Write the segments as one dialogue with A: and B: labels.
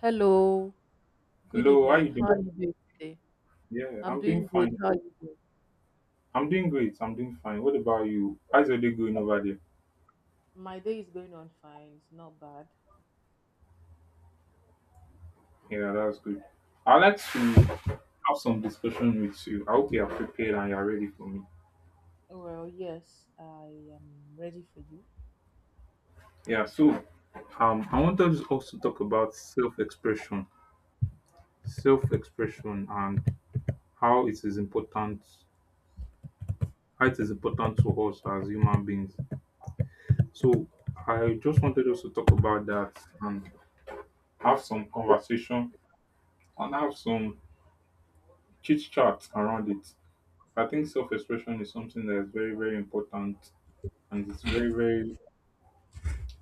A: Hello, good
B: Hello, how you
A: evening.
B: doing?
A: How are you doing today?
B: Yeah,
A: I'm
B: I'm doing
A: doing good.
B: fine.
A: How are you doing?
B: I'm doing great. I'm doing fine. What about you? How's your day going over there?
A: My day is going on fine. It's not bad.
B: Yeah, that's good. I'd like to have some discussion with you. I hope you are prepared and you are ready for me.
A: Well, yes, I am ready for you.
B: Yeah, so I wanted us also talk about self-expression, and how it is important, how it is important to us as human beings. So I just wanted us to talk about that and have some conversation and have some chit chat around it. I think self-expression is something that is very, very important, and it's very, very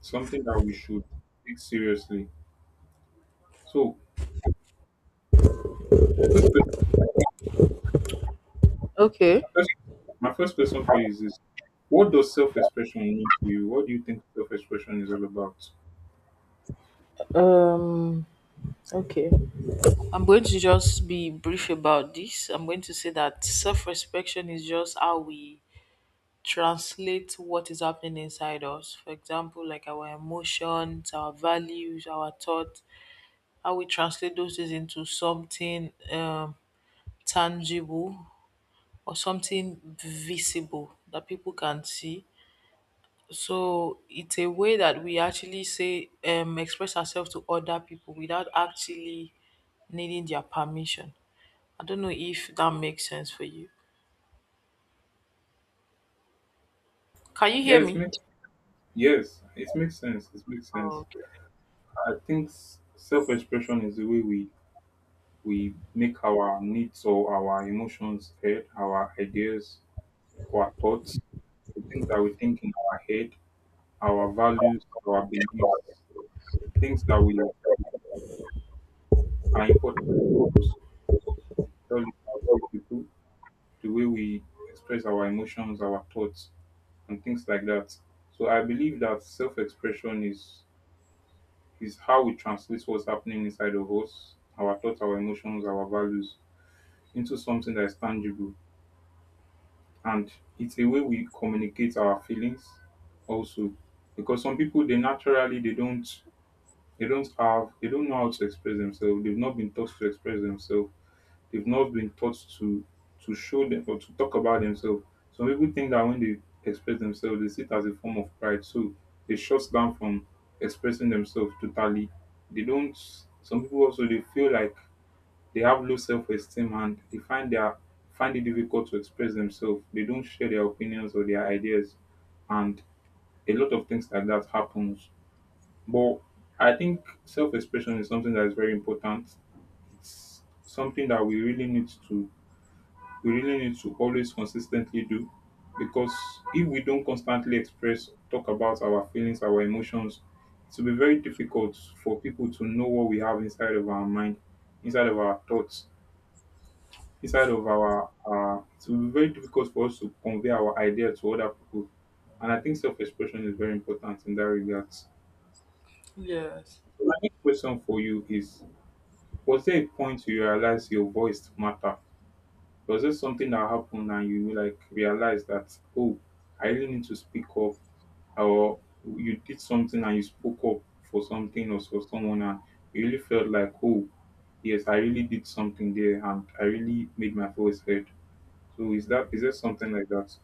B: something that we should take seriously. So, this question,
A: Okay.
B: first- my first question for you is this: What does self-expression mean to you? What do you think self-expression is all about?
A: Um, okay. I'm going to just be brief about this. I'm going to say that self respection is just how we translate what is happening inside us. For example, like our emotions, our values, our thoughts, how we translate those things into something, tangible or something visible that people can see. So it's a way that we actually say express ourselves to other people without actually needing their permission. I don't know if that makes sense for you. Can you
B: Yeah,
A: hear
B: it
A: me?
B: makes yes, it makes sense. It makes sense.
A: Okay.
B: I think self-expression is the way we make our needs or our emotions heard, our ideas, our thoughts, the things that we think in our head, our values, our beliefs, things that we are important to us, tell it out to people, the way we express our emotions, our thoughts, and things like that. So I believe that self-expression is how we translate what's happening inside of us, our thoughts, our emotions, our values, into something that is tangible. And it's a way we communicate our feelings also. Because some people, they naturally, they don't know how to express themselves. They've not been taught to express themselves. They've not been taught to show them or to talk about themselves. Some people think that when they express themselves, they see it as a form of pride. So they shut down from expressing themselves totally. They don't. Some people also they feel like they have low self esteem and they find it difficult to express themselves. They don't share their opinions or their ideas, and a lot of things like that happens. But I think self expression is something that is very important. It's something that we really need to always consistently do, because if we don't constantly express talk about our feelings, our emotions, it will be very difficult for people to know what we have inside of our mind, inside of our thoughts. Inside of our our it will be very difficult for us to convey our idea to other people. And I think self expression is very important in that regard. So
A: Yes.
B: my next question for you is: Was there a point you realized your voice matter? Was there something that happened and you like realized that, oh, I really need to speak up, or you did something and you spoke up for something or for someone and you really felt like, oh yes, I really did something there and I really made my voice heard. So is there something like that?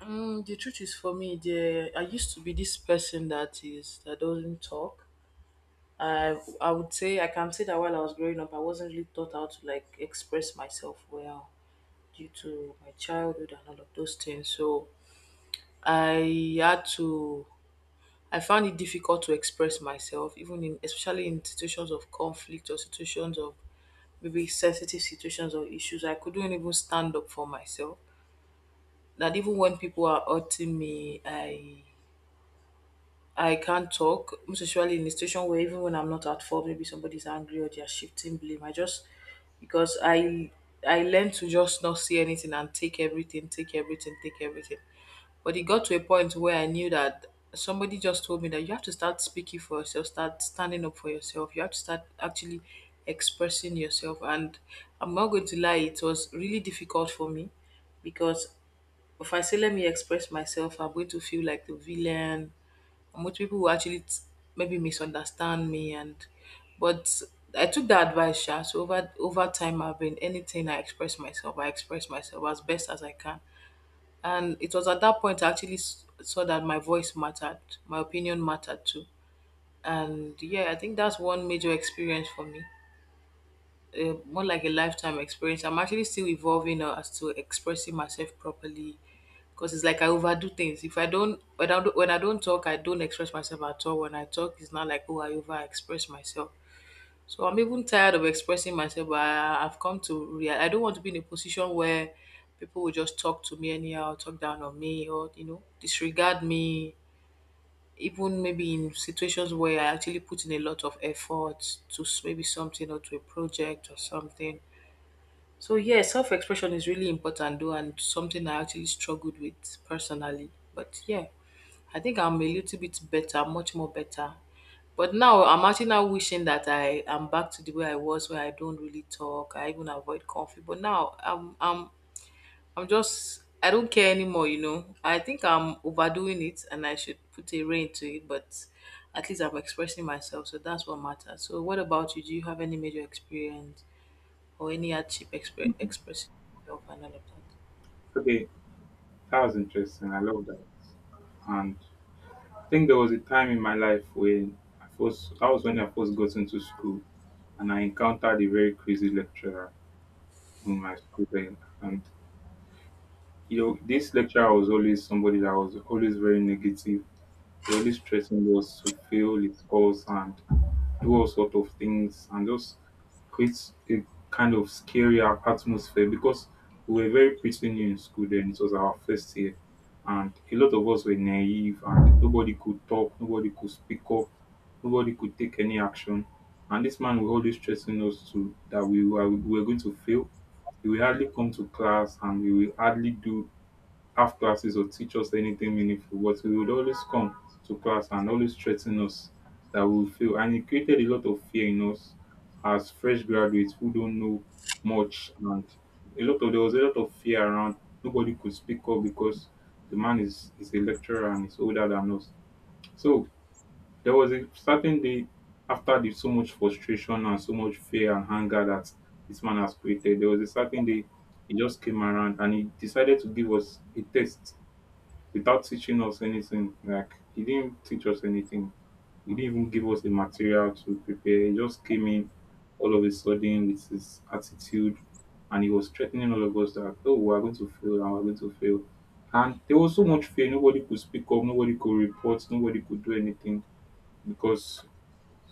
A: Mm, the truth is for me, the I used to be this person that doesn't talk. I would say I can say that while I was growing up, I wasn't really taught how to like express myself well, due to my childhood and all of those things. So I had to, I found it difficult to express myself, even in especially in situations of conflict or situations of maybe sensitive situations or issues. I couldn't even stand up for myself. That even when people are hurting me, I can't talk, most especially in a situation where even when I'm not at fault, maybe somebody's angry or they're shifting blame. I just, because I learned to just not see anything and take everything, take everything, take everything. But it got to a point where I knew that, somebody just told me that you have to start speaking for yourself, start standing up for yourself. You have to start actually expressing yourself. And I'm not going to lie, it was really difficult for me because if I say, let me express myself, I'm going to feel like the villain. And which people will actually maybe misunderstand me. And but I took that advice, Sha. So over time, I've been anything I express myself. I express myself as best as I can. And it was at that point I actually saw that my voice mattered, my opinion mattered too. And yeah, I think that's one major experience for me, more like a lifetime experience. I'm actually still evolving as to expressing myself properly because it's like I overdo things. If I don't when I don't, when I don't talk, I don't express myself at all. When I talk, it's not like oh I over express myself. So I'm even tired of expressing myself. But I've come to real. I don't want to be in a position where people will just talk to me anyhow, talk down on me, or you know disregard me. Even maybe in situations where I actually put in a lot of effort to maybe something or to a project or something. So yeah, self-expression is really important though, and something I actually struggled with personally. But yeah, I think I'm a little bit better, much more better. But now I'm actually now wishing that I am back to the way I was, where I don't really talk. I even avoid conflict. But now I'm just, I don't care anymore. You know, I think I'm overdoing it, and I should put a rein to it. But at least I'm expressing myself, so that's what matters. So what about you? Do you have any major experience or any hardship expressing yourself and all of that?
B: Okay, that was interesting. I love that. And I think there was a time in my life when I first that was when I first got into school and I encountered a very crazy lecturer in my school then. And this lecturer was always somebody that was always very negative, the only stressing was to fail his course and do all sort of things and just creates a kind of scary atmosphere, because we were very pretty new in school then. It was our first year, and a lot of us were naive, and nobody could talk, nobody could speak up, nobody could take any action. And this man was always stressing us to that we were going to fail. We will hardly come to class, and we will hardly do have classes or teach us anything meaningful, but he would always come to class and always threaten us that we will fail. And it created a lot of fear in us as fresh graduates who don't know much. And a lot of there was a lot of fear around. Nobody could speak up because the man is a lecturer and is older than us. So there was a certain day, after the so much frustration and so much fear and anger that this man has created, there was a certain day he just came around and he decided to give us a test without teaching us anything. Like he didn't teach us anything. He didn't even give us the material to prepare. He just came in all of a sudden with his attitude and he was threatening all of us that, oh, we are going to fail and we're going to fail. And there was so much fear, nobody could speak up, nobody could report, nobody could do anything because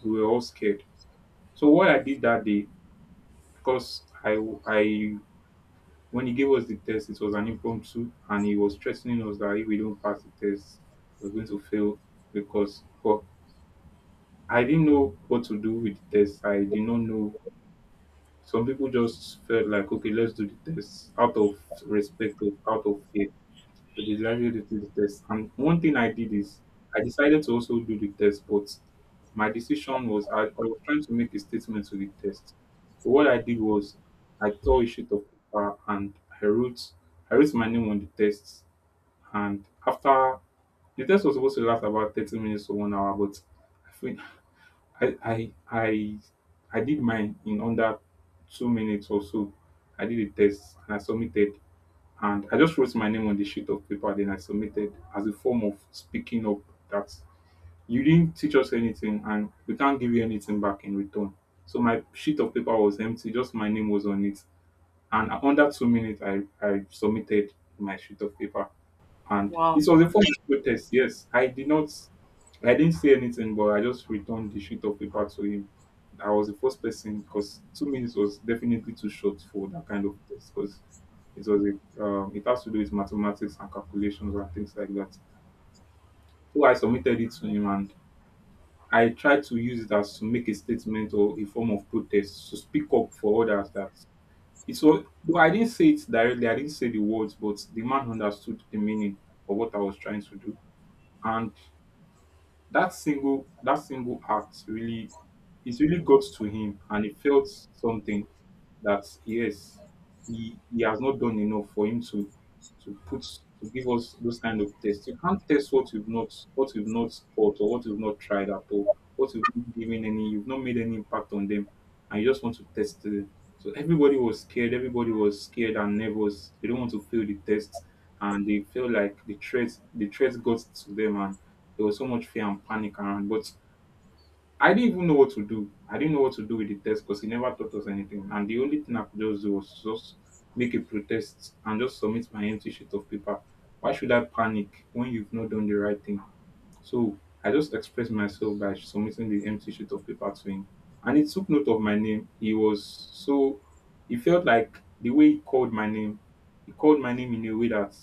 B: we were all scared. So what I did that day, because I when he gave us the test, it was an impromptu, and he was threatening us that if we don't pass the test, we're going to fail because. But I didn't know what to do with the test. I did not know. Some people just felt like, okay, let's do the test out of respect, or out of fear. So they decided to do the test. And one thing I did is I decided to also do the test, but my decision was I was trying to make a statement to the test. So what I did was I tore a sheet of paper and I wrote I wrote my name on the test. And after the test was supposed to last about 30 minutes to one hour, but I think I I I I did mine in under 2 minutes or so. I did a test and I submitted and I just wrote my name on the sheet of paper, then I submitted as a form of speaking up that you didn't teach us anything and we can't give you anything back in return. So my sheet of paper was empty, just my name was on it, and under 2 minutes I submitted my sheet of paper. And
A: Wow.
B: this was a form of protest, yes. I didn't say anything, but I just returned the sheet of paper to him. I was the first person because 2 minutes was definitely too short for that kind of test, because it was it has to do with mathematics and calculations and things like that. So I submitted it to him and I tried to use it as to make a statement or a form of protest to speak up for others that it was though I didn't say it directly, I didn't say the words, but the man understood the meaning of what I was trying to do. And that single act really, it really got to him, and he felt something that, yes, he has not done enough for him to put to give us those kind of tests. You can't test what you've not thought, or what you've not tried at all, what you've not given any you've not made any impact on them, and you just want to test them. So everybody was scared, everybody was scared and nervous, they don't want to fail the test, and they feel like the threat got to them, and there was so much fear and panic around. But I didn't even know what to do. I didn't know what to do with the test because he never taught us anything. And the only thing I could just do was just make a protest and just submit my empty sheet of paper. Why should I panic when you've not done the right thing? So I just expressed myself by submitting the empty sheet of paper to him. And he took note of my name. He felt like the way he called my name, he called my name in a way that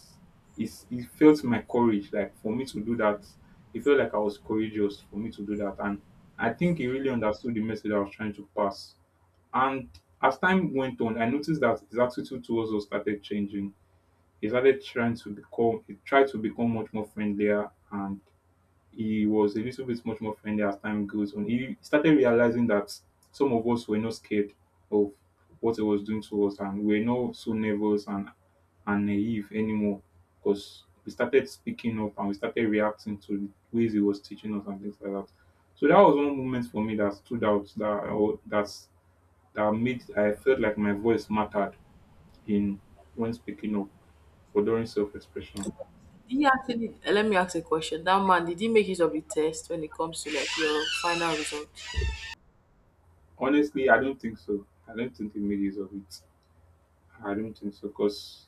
B: is, he felt my courage, like for me to do that. He felt like I was courageous for me to do that. And I think he really understood the message I was trying to pass. And as time went on, I noticed that his attitude towards us started changing. He tried to become much more friendlier, and he was a little bit much more friendly as time goes on. He started realizing that some of us were not scared of what he was doing to us and we're not so nervous and naive anymore, because we started speaking up and we started reacting to the ways he was teaching us and things like that. So that was one moment for me that stood out, that or that's that made I felt like my voice mattered in when speaking up or during self expression.
A: Did he actually, let me ask a question. That man, did he make use of the test when it comes to like your final result?
B: Honestly, I don't think so. I don't think he made use of it. I don't think so, because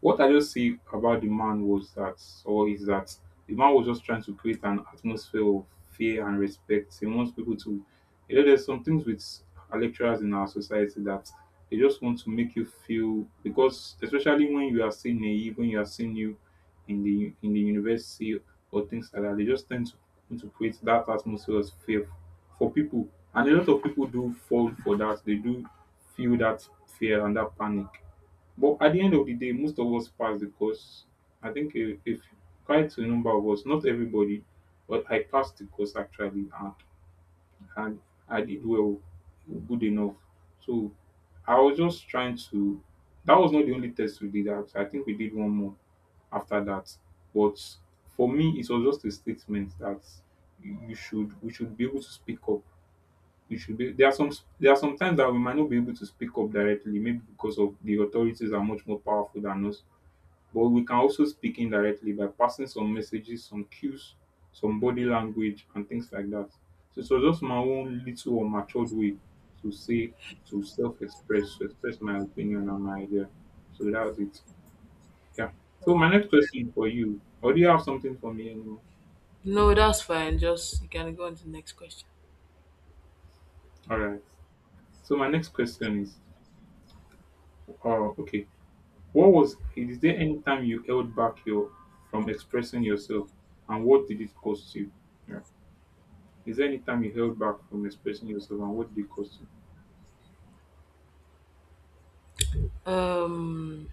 B: what I just see about the man was that, or is that, the man was just trying to create an atmosphere of fear and respect. He wants people to, there's some things with our lecturers in our society that they just want to make you feel because, especially when you are still naive, when you are still new in the university or things like that, they just tend to want to create that atmosphere of fear for people, and a lot of people do fall for that. They do feel that fear and that panic, but at the end of the day, most of us pass the course. I think if quite a number of us, not everybody, but I passed the course actually, and I did well, good enough. So I was just trying to. That was not the only test we did. Out. I think we did one more after that. But for me, it was just a statement that you should we should be able to speak up. We should be There are some times that we might not be able to speak up directly, maybe because of the authorities are much more powerful than us, but we can also speak indirectly by passing some messages, some cues, some body language, and things like that. So it was just my own little or matured way to say, to self express, to express my opinion and my idea. So that was it. Yeah. So my
A: Wow.
B: next question for you, or do you have something for me anymore?
A: No, that's fine. Just you can go on to the next question.
B: All right. So my next question is, okay, what was is there any time you held back your from expressing yourself, and what did it cost you? Is there any time you held back from expressing yourself and what did it cost you?
A: Um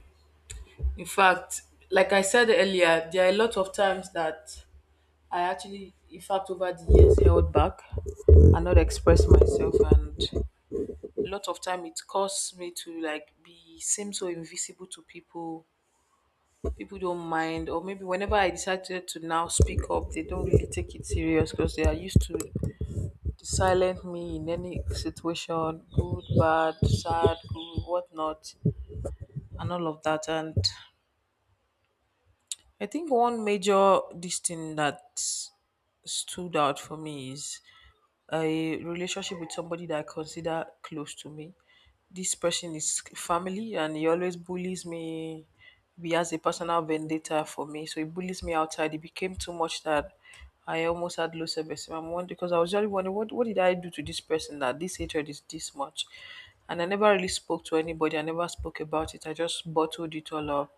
A: in fact, like I said earlier, there are a lot of times that I actually in fact over the years held back and not express myself, and a lot of time it caused me to like be seem so invisible to people. People don't mind, or maybe whenever I decided to now speak up they don't really take it serious because they are used to the silent me in any situation, good, bad, sad, good, whatnot and all of that. And I think one major this thing that stood out for me is a relationship with somebody that I consider close to me. This person is family and he always bullies me. He has a personal vendetta for me, so he bullies me outside. It became too much that I almost had low self-esteem. I'm wondering, because I was really wondering what did I do to this person that this hatred is this much, and I never really spoke to anybody. I never spoke about it. I just bottled it all up.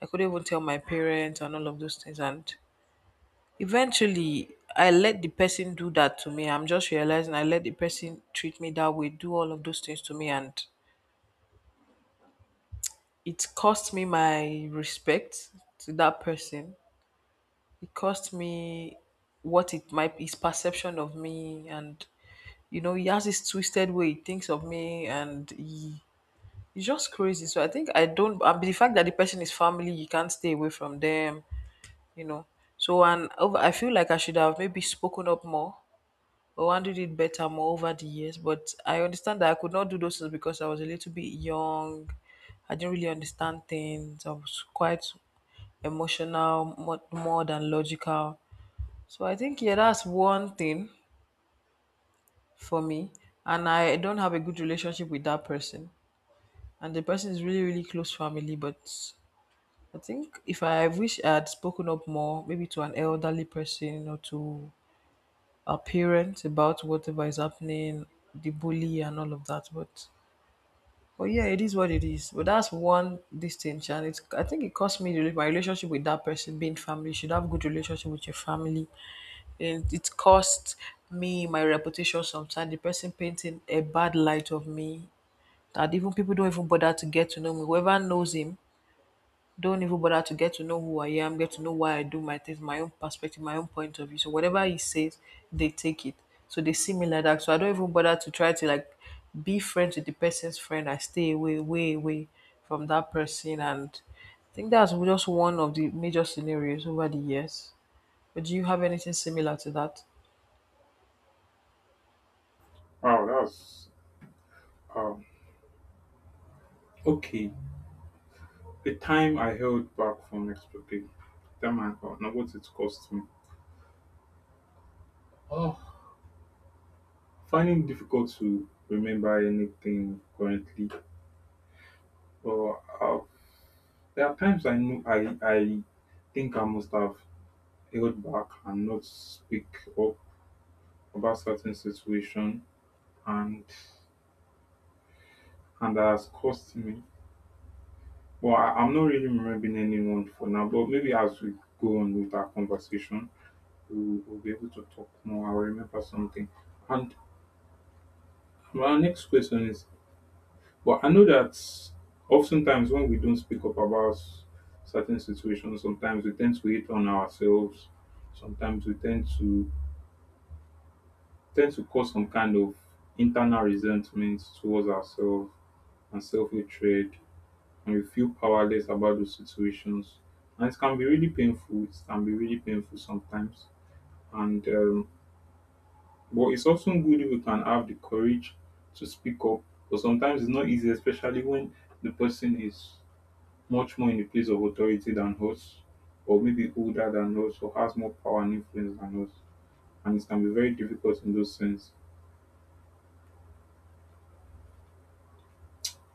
A: I couldn't even tell my parents and all of those things. And eventually, I let the person do that to me. I'm just realizing I let the person treat me that way, do all of those things to me. And it cost me my respect to that person. It cost me what it might, his perception of me. And you know he has this twisted way he thinks of me, and he he's just crazy. So I think I don't I mean, the fact that the person is family, you can't stay away from them, you know. So and over, I feel like I should have maybe spoken up more or handled it better more over the years. But I understand that I could not do those things because I was a little bit young. I didn't really understand things. I was quite emotional, more than logical. So I think yeah, that's one thing for me. And I don't have a good relationship with that person. And the person is really, really close family, but I think if I wish I had spoken up more, maybe to an elderly person or to our parents about whatever is happening, the bully and all of that. But yeah, it is what it is. But that's one distinction. And it's, I think it cost me really my relationship with that person being family. You should have good relationship with your family. And it cost me my reputation sometimes. The person painting a bad light of me. That even people don't even bother to get to know me. Whoever knows him don't even bother to get to know who I am, get to know why I do my things, my own perspective, my own point of view. So whatever he says, they take it. So they see me like that. So I don't even bother to try to like be friends with the person's friend. I stay away, way away from that person. And I think that's just one of the major scenarios over the years. But do you have anything similar to that?
B: Wow, that's um okay. The time I held back from expressing okay, the time I held, now what it cost me. Finding it difficult to remember anything currently. But there are times I know I think I must have held back and not speak up about certain situation, and and that has cost me. Well, I'm not really remembering anyone for now, but maybe as we go on with our conversation, we'll be able to talk more. I'll remember something. And my next question is, well, I know that oftentimes when we don't speak up about certain situations, sometimes we tend to hate on ourselves. Sometimes we tend to tend to cause some kind of internal resentment towards ourselves and self hatred, and you feel powerless about those situations. And it can be really painful. It can be really painful sometimes. And but it's also good if we can have the courage to speak up. But sometimes it's not easy, especially when the person is much more in a place of authority than us, or maybe older than us, or has more power and influence than us. And it can be very difficult in those sense.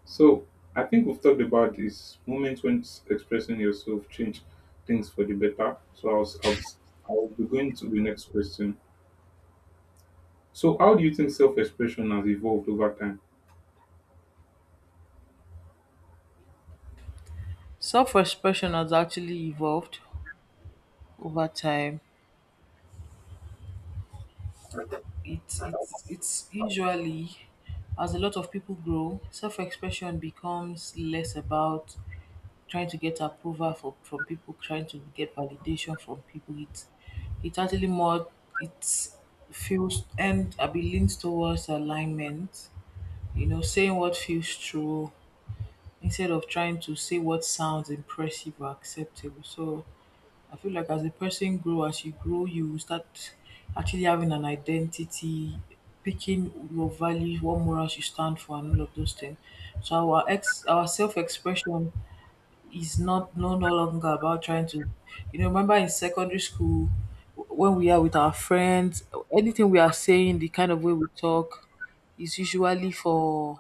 B: So I think we've talked about this moment when expressing yourself change things for the better. So I'll be going to the next question. So how do you think self-expression has evolved over time?
A: Self expression has actually evolved over time. It's usually, as a lot of people grow, self-expression becomes less about trying to get approval from people, trying to get validation from people. It's actually more, it feels, and I be leans towards alignment. You know, saying what feels true instead of trying to say what sounds impressive or acceptable. So I feel like as a person grow, as you grow, you will start actually having an identity, picking your values, what morals you stand for, and all of those things. So our self-expression is not no no longer about trying to, you know, remember in secondary school when we are with our friends, anything we are saying, the kind of way we talk, is usually for,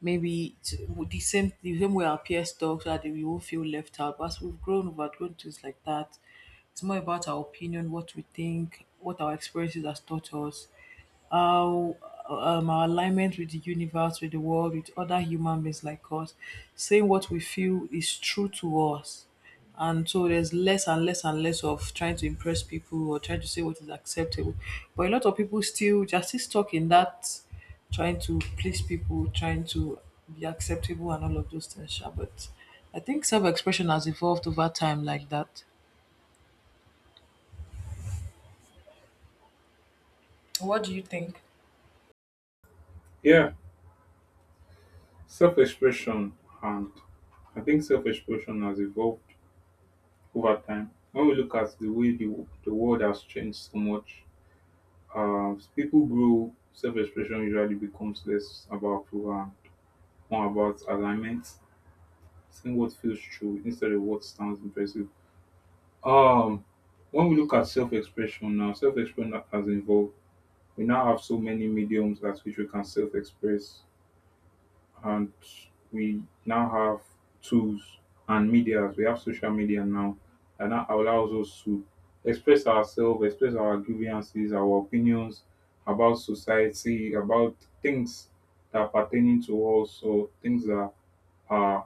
A: maybe it's the same way our peers talk so that we won't feel left out. But as we've grown, we've outgrown things like that. It's more about our opinion, what we think, what our experiences has taught us, how our alignment with the universe, with the world, with other human beings like us, saying what we feel is true to us. And so there's less and less and less of trying to impress people or trying to say what is acceptable, but a lot of people still just still stuck in that trying to please people, trying to be acceptable and all of those things, sha. But I think self-expression has evolved over time like that. What do you think?
B: Yeah, self-expression, and I think self-expression has evolved over time. When we look at the way the world has changed so much, as people grow, self-expression usually becomes less about approval and more about alignment, seeing what feels true instead of what sounds impressive. Um, when we look at self-expression now, self-expression that has involved, we now have so many mediums that which we can self-express, and we now have tools and medias. We have social media now, and that allows us to express ourselves, express our grievances, our opinions about society, about things that are pertaining to us, or things that are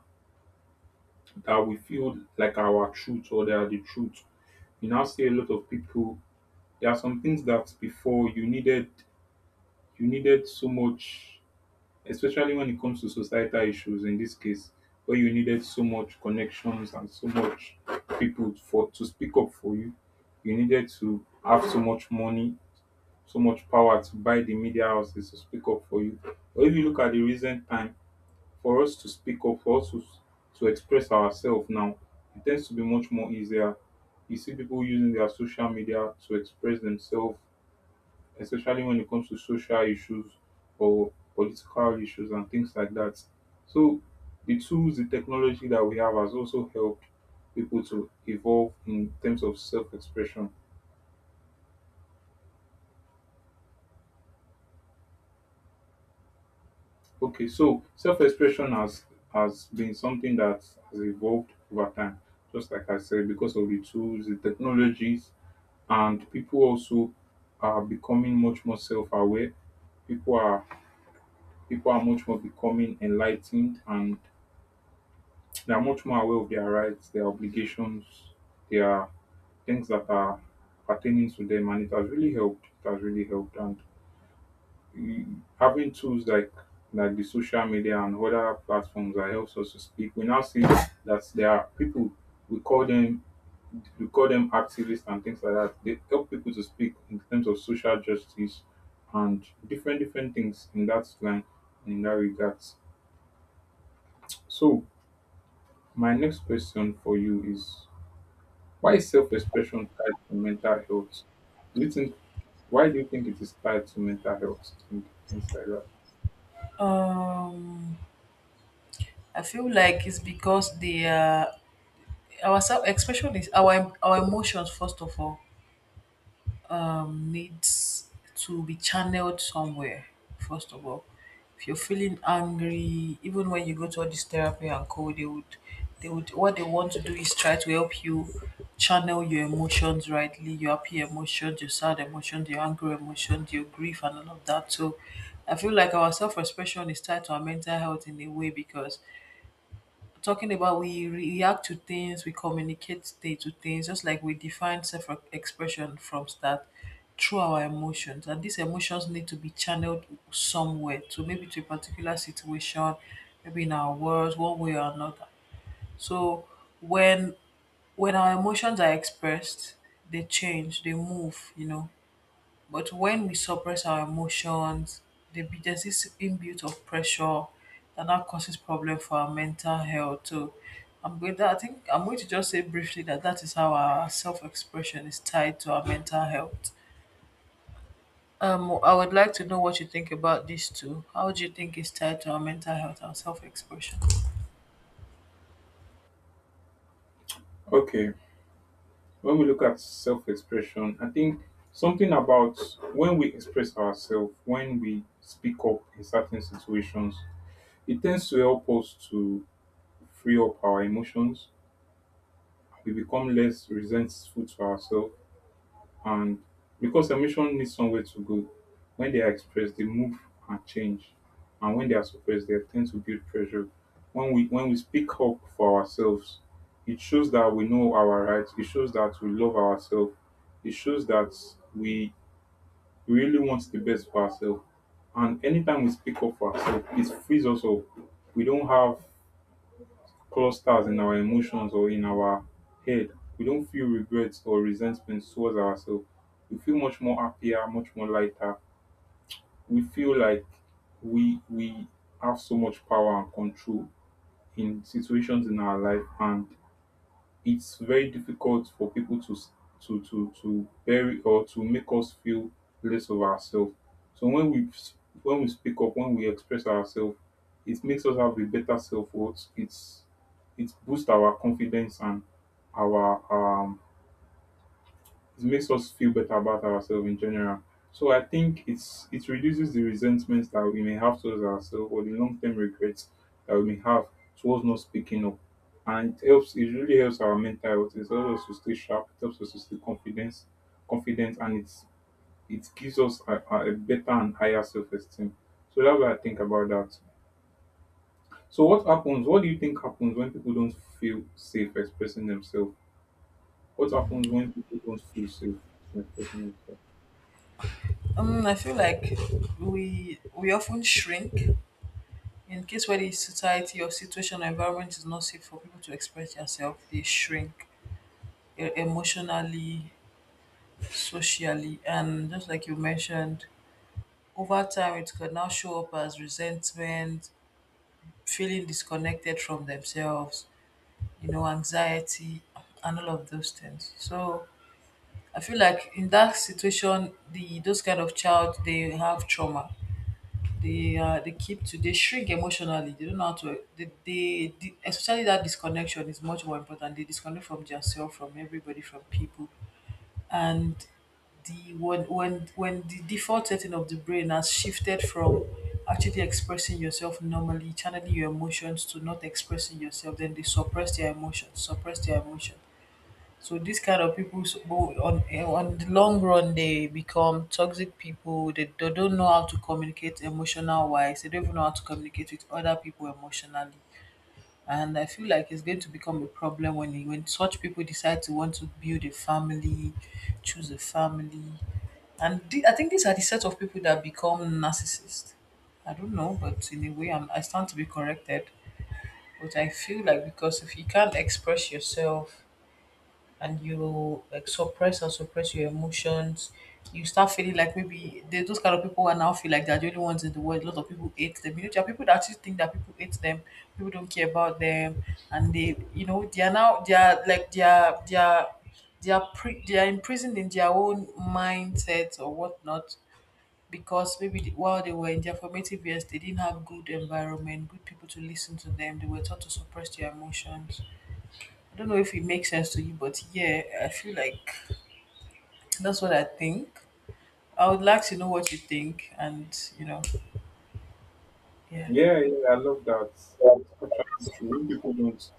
B: that we feel like our truth or they are the truth. You now see a lot of people There are some things that before you needed so much, especially when it comes to societal issues in this case, where you needed so much connections and so much people for to speak up for you. You needed to have so much money, so much power to buy the media houses to speak up for you. But if you look at the recent time, for us to speak up, to express ourselves now, it tends to be much more easier. You see people using their social media to express themselves, especially when it comes to social issues or political issues and things like that. So the tools, the technology that we have has also helped people to evolve in terms of self-expression. Okay, so self-expression has been something that has evolved over time, just like I said, because of the tools, the technologies, and people also are becoming much more self-aware. People are people are much more becoming enlightened and they are much more aware of their rights, their obligations, their things that are pertaining to them, and it has really helped. It has really helped, and having tools like the social media and other platforms that helps us to speak. We now see that there are people we call them we call them activists and things like that. They help people to speak in terms of social justice and different different things in that line and in that regard. So my next question for you is, why is self-expression tied to mental health? Do you think why do you think it is tied to mental health and things like that?
A: um I feel like it's because the our self-expression is our emotions, first of all, needs to be channeled somewhere, first of all. If you're feeling angry, even when you go to all this therapy and co, they would what they want to do is try to help you channel your emotions rightly, your happy emotions, your sad emotions, your angry emotions, your grief and all of that. So I feel like our self expression is tied to our mental health in a way because talking about we react to things, we communicate day to things, just like we define self expression from start through our emotions. And these emotions need to be channeled somewhere, to maybe to a particular situation, maybe in our words, one way or another. So when when our emotions are expressed, they change, they move, you know, but when we suppress our emotions, there's this inbuilt of pressure that now causes problem for our mental health too. I think I'm going to just say briefly that that is how our self-expression is tied to our mental health. I would like to know what you think about this too. How do you think it's tied to our mental health and self-expression?
B: Okay, when we look at self-expression, I think something about when we express ourselves, when we speak up in certain situations, it tends to help us to free up our emotions. We become less resentful to ourselves. And because emotion needs somewhere to go, when they are expressed, they move and change. And when they are suppressed, they tend to build pressure. When we speak up for ourselves, it shows that we know our rights. It shows that we love ourselves. It shows that we really want the best for ourselves. And anytime we speak up for ourselves, it frees us up. We don't have clusters in our emotions or in our head. We don't feel regrets or resentment towards ourselves. We feel much more happier, much more lighter. We feel like we have so much power and control in situations in our life, and it's very difficult for people to bury or to make us feel less of ourselves. So when we speak up, when we express ourselves, it makes us have a better self worth. It boosts our confidence and our it makes us feel better about ourselves in general. So I think it reduces the resentment that we may have towards ourselves or the long term regrets that we may have towards not speaking up. And it really helps our mental health. It helps us to stay sharp, it helps us to stay confident, and it gives us a, a better and higher self esteem. So that's what I think about that. So what happens? What do you think happens when people don't feel safe expressing themselves? What happens when people don't feel safe expressing themselves?
A: I feel like we often shrink in case where the society or situation or environment is not safe for people to express yourself. They shrink emotionally, socially, and just like you mentioned, over time it could now show up as resentment, feeling disconnected from themselves, you know, anxiety, and all of those things. So I feel like in that situation, the those kind of child they have trauma. They keep to they shrink emotionally. They don't know how to they especially that disconnection is much more important. They disconnect from themselves, from everybody, from people, and the when when the default setting of the brain has shifted from actually expressing yourself normally, channeling your emotions to not expressing yourself, then they suppress their emotions, suppress their emotion. So these kind of people go on on the long run they become toxic people. They don't know how to communicate emotional wise. They don't even know how to communicate with other people emotionally. And I feel like it's going to become a problem when such people decide to want to build a family, choose a family, and I think these are the set of people that become narcissists. I don't know, but in a way, I stand to be corrected. But I feel like because if you can't express yourself and you like suppress and suppress your emotions. You start feeling like maybe there's those kind of people who are now feel like they're the only ones in the world. A lot of people hate them. You know, there are people that actually think that people hate them, people don't care about them, and they, you know, they are now they are they are imprisoned in their own mindset or whatnot because maybe while they were in their formative years, they didn't have good environment, good people to listen to them. They were taught to suppress their emotions. I don't know if it makes sense to you, but yeah, I feel like that's what I think. I would like to know what you think, and you know, yeah.
B: Yeah, yeah, I love that. It's actually true. When people don't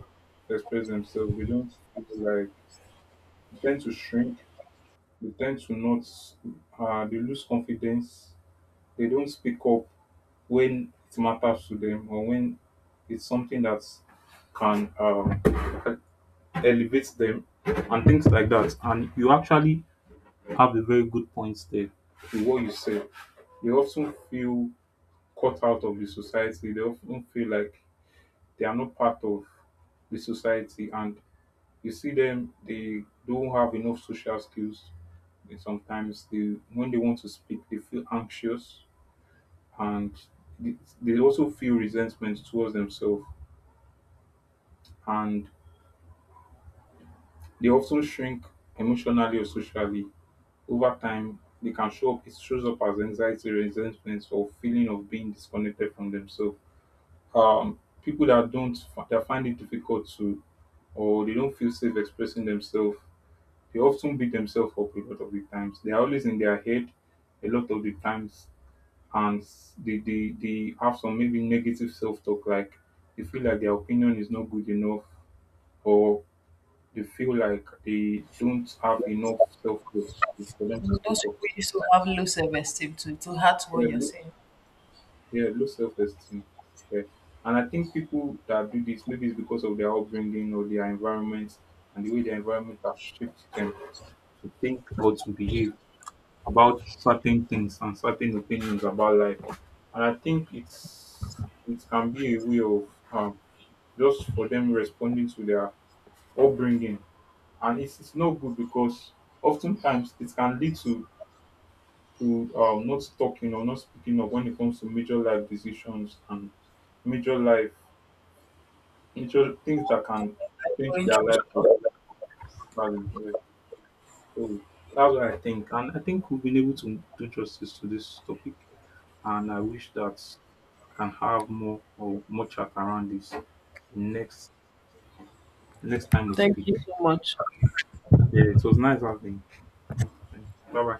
B: express themselves, they don't feel like they tend to shrink. They tend to not. They lose confidence. They don't speak up when it matters to them or when it's something that can elevate them and things like that. And you actually have a very good point there with what you said. They often feel cut out of the society. They often feel like they are not part of the society, and you see them, they don't have enough social skills, and sometimes they, when they want to speak, they feel anxious, and they they also feel resentment towards themselves, and they also shrink emotionally or socially. Over time they can show up, it shows up as anxiety, resentment, or feeling of being disconnected from themselves. People that don't fi- that find it difficult to, or they don't feel safe expressing themselves, they often beat themselves up. A lot of the times they are always in their head, a lot of the times, and they have some maybe negative self-talk, like they feel like their opinion is not good enough, or they feel like they don't have enough self-worth for them to speak
A: Those
B: up.
A: people used to have low self esteem too. It's hard to what you're saying.
B: Yeah, low self esteem. Yeah. And I think people that do this, maybe it's because of their upbringing or their environment and the way their environment has shaped them to think or to behave about certain things and certain opinions about life. And I think it can be a way of um, just for them responding to their upbringing. And it's not good because oftentimes it can lead to not talking or not speaking up when it comes to major life decisions and major life, major things that can
A: I'm
B: change
A: going
B: their
A: through
B: life
A: stuff.
B: for badly. Yeah. So that's what I think. And I think we've been able to do justice to this topic. And I wish that can have more or more chat around this next next time we
A: Thank
B: speak.
A: you so much.
B: Yeah, it was nice having. Bye bye.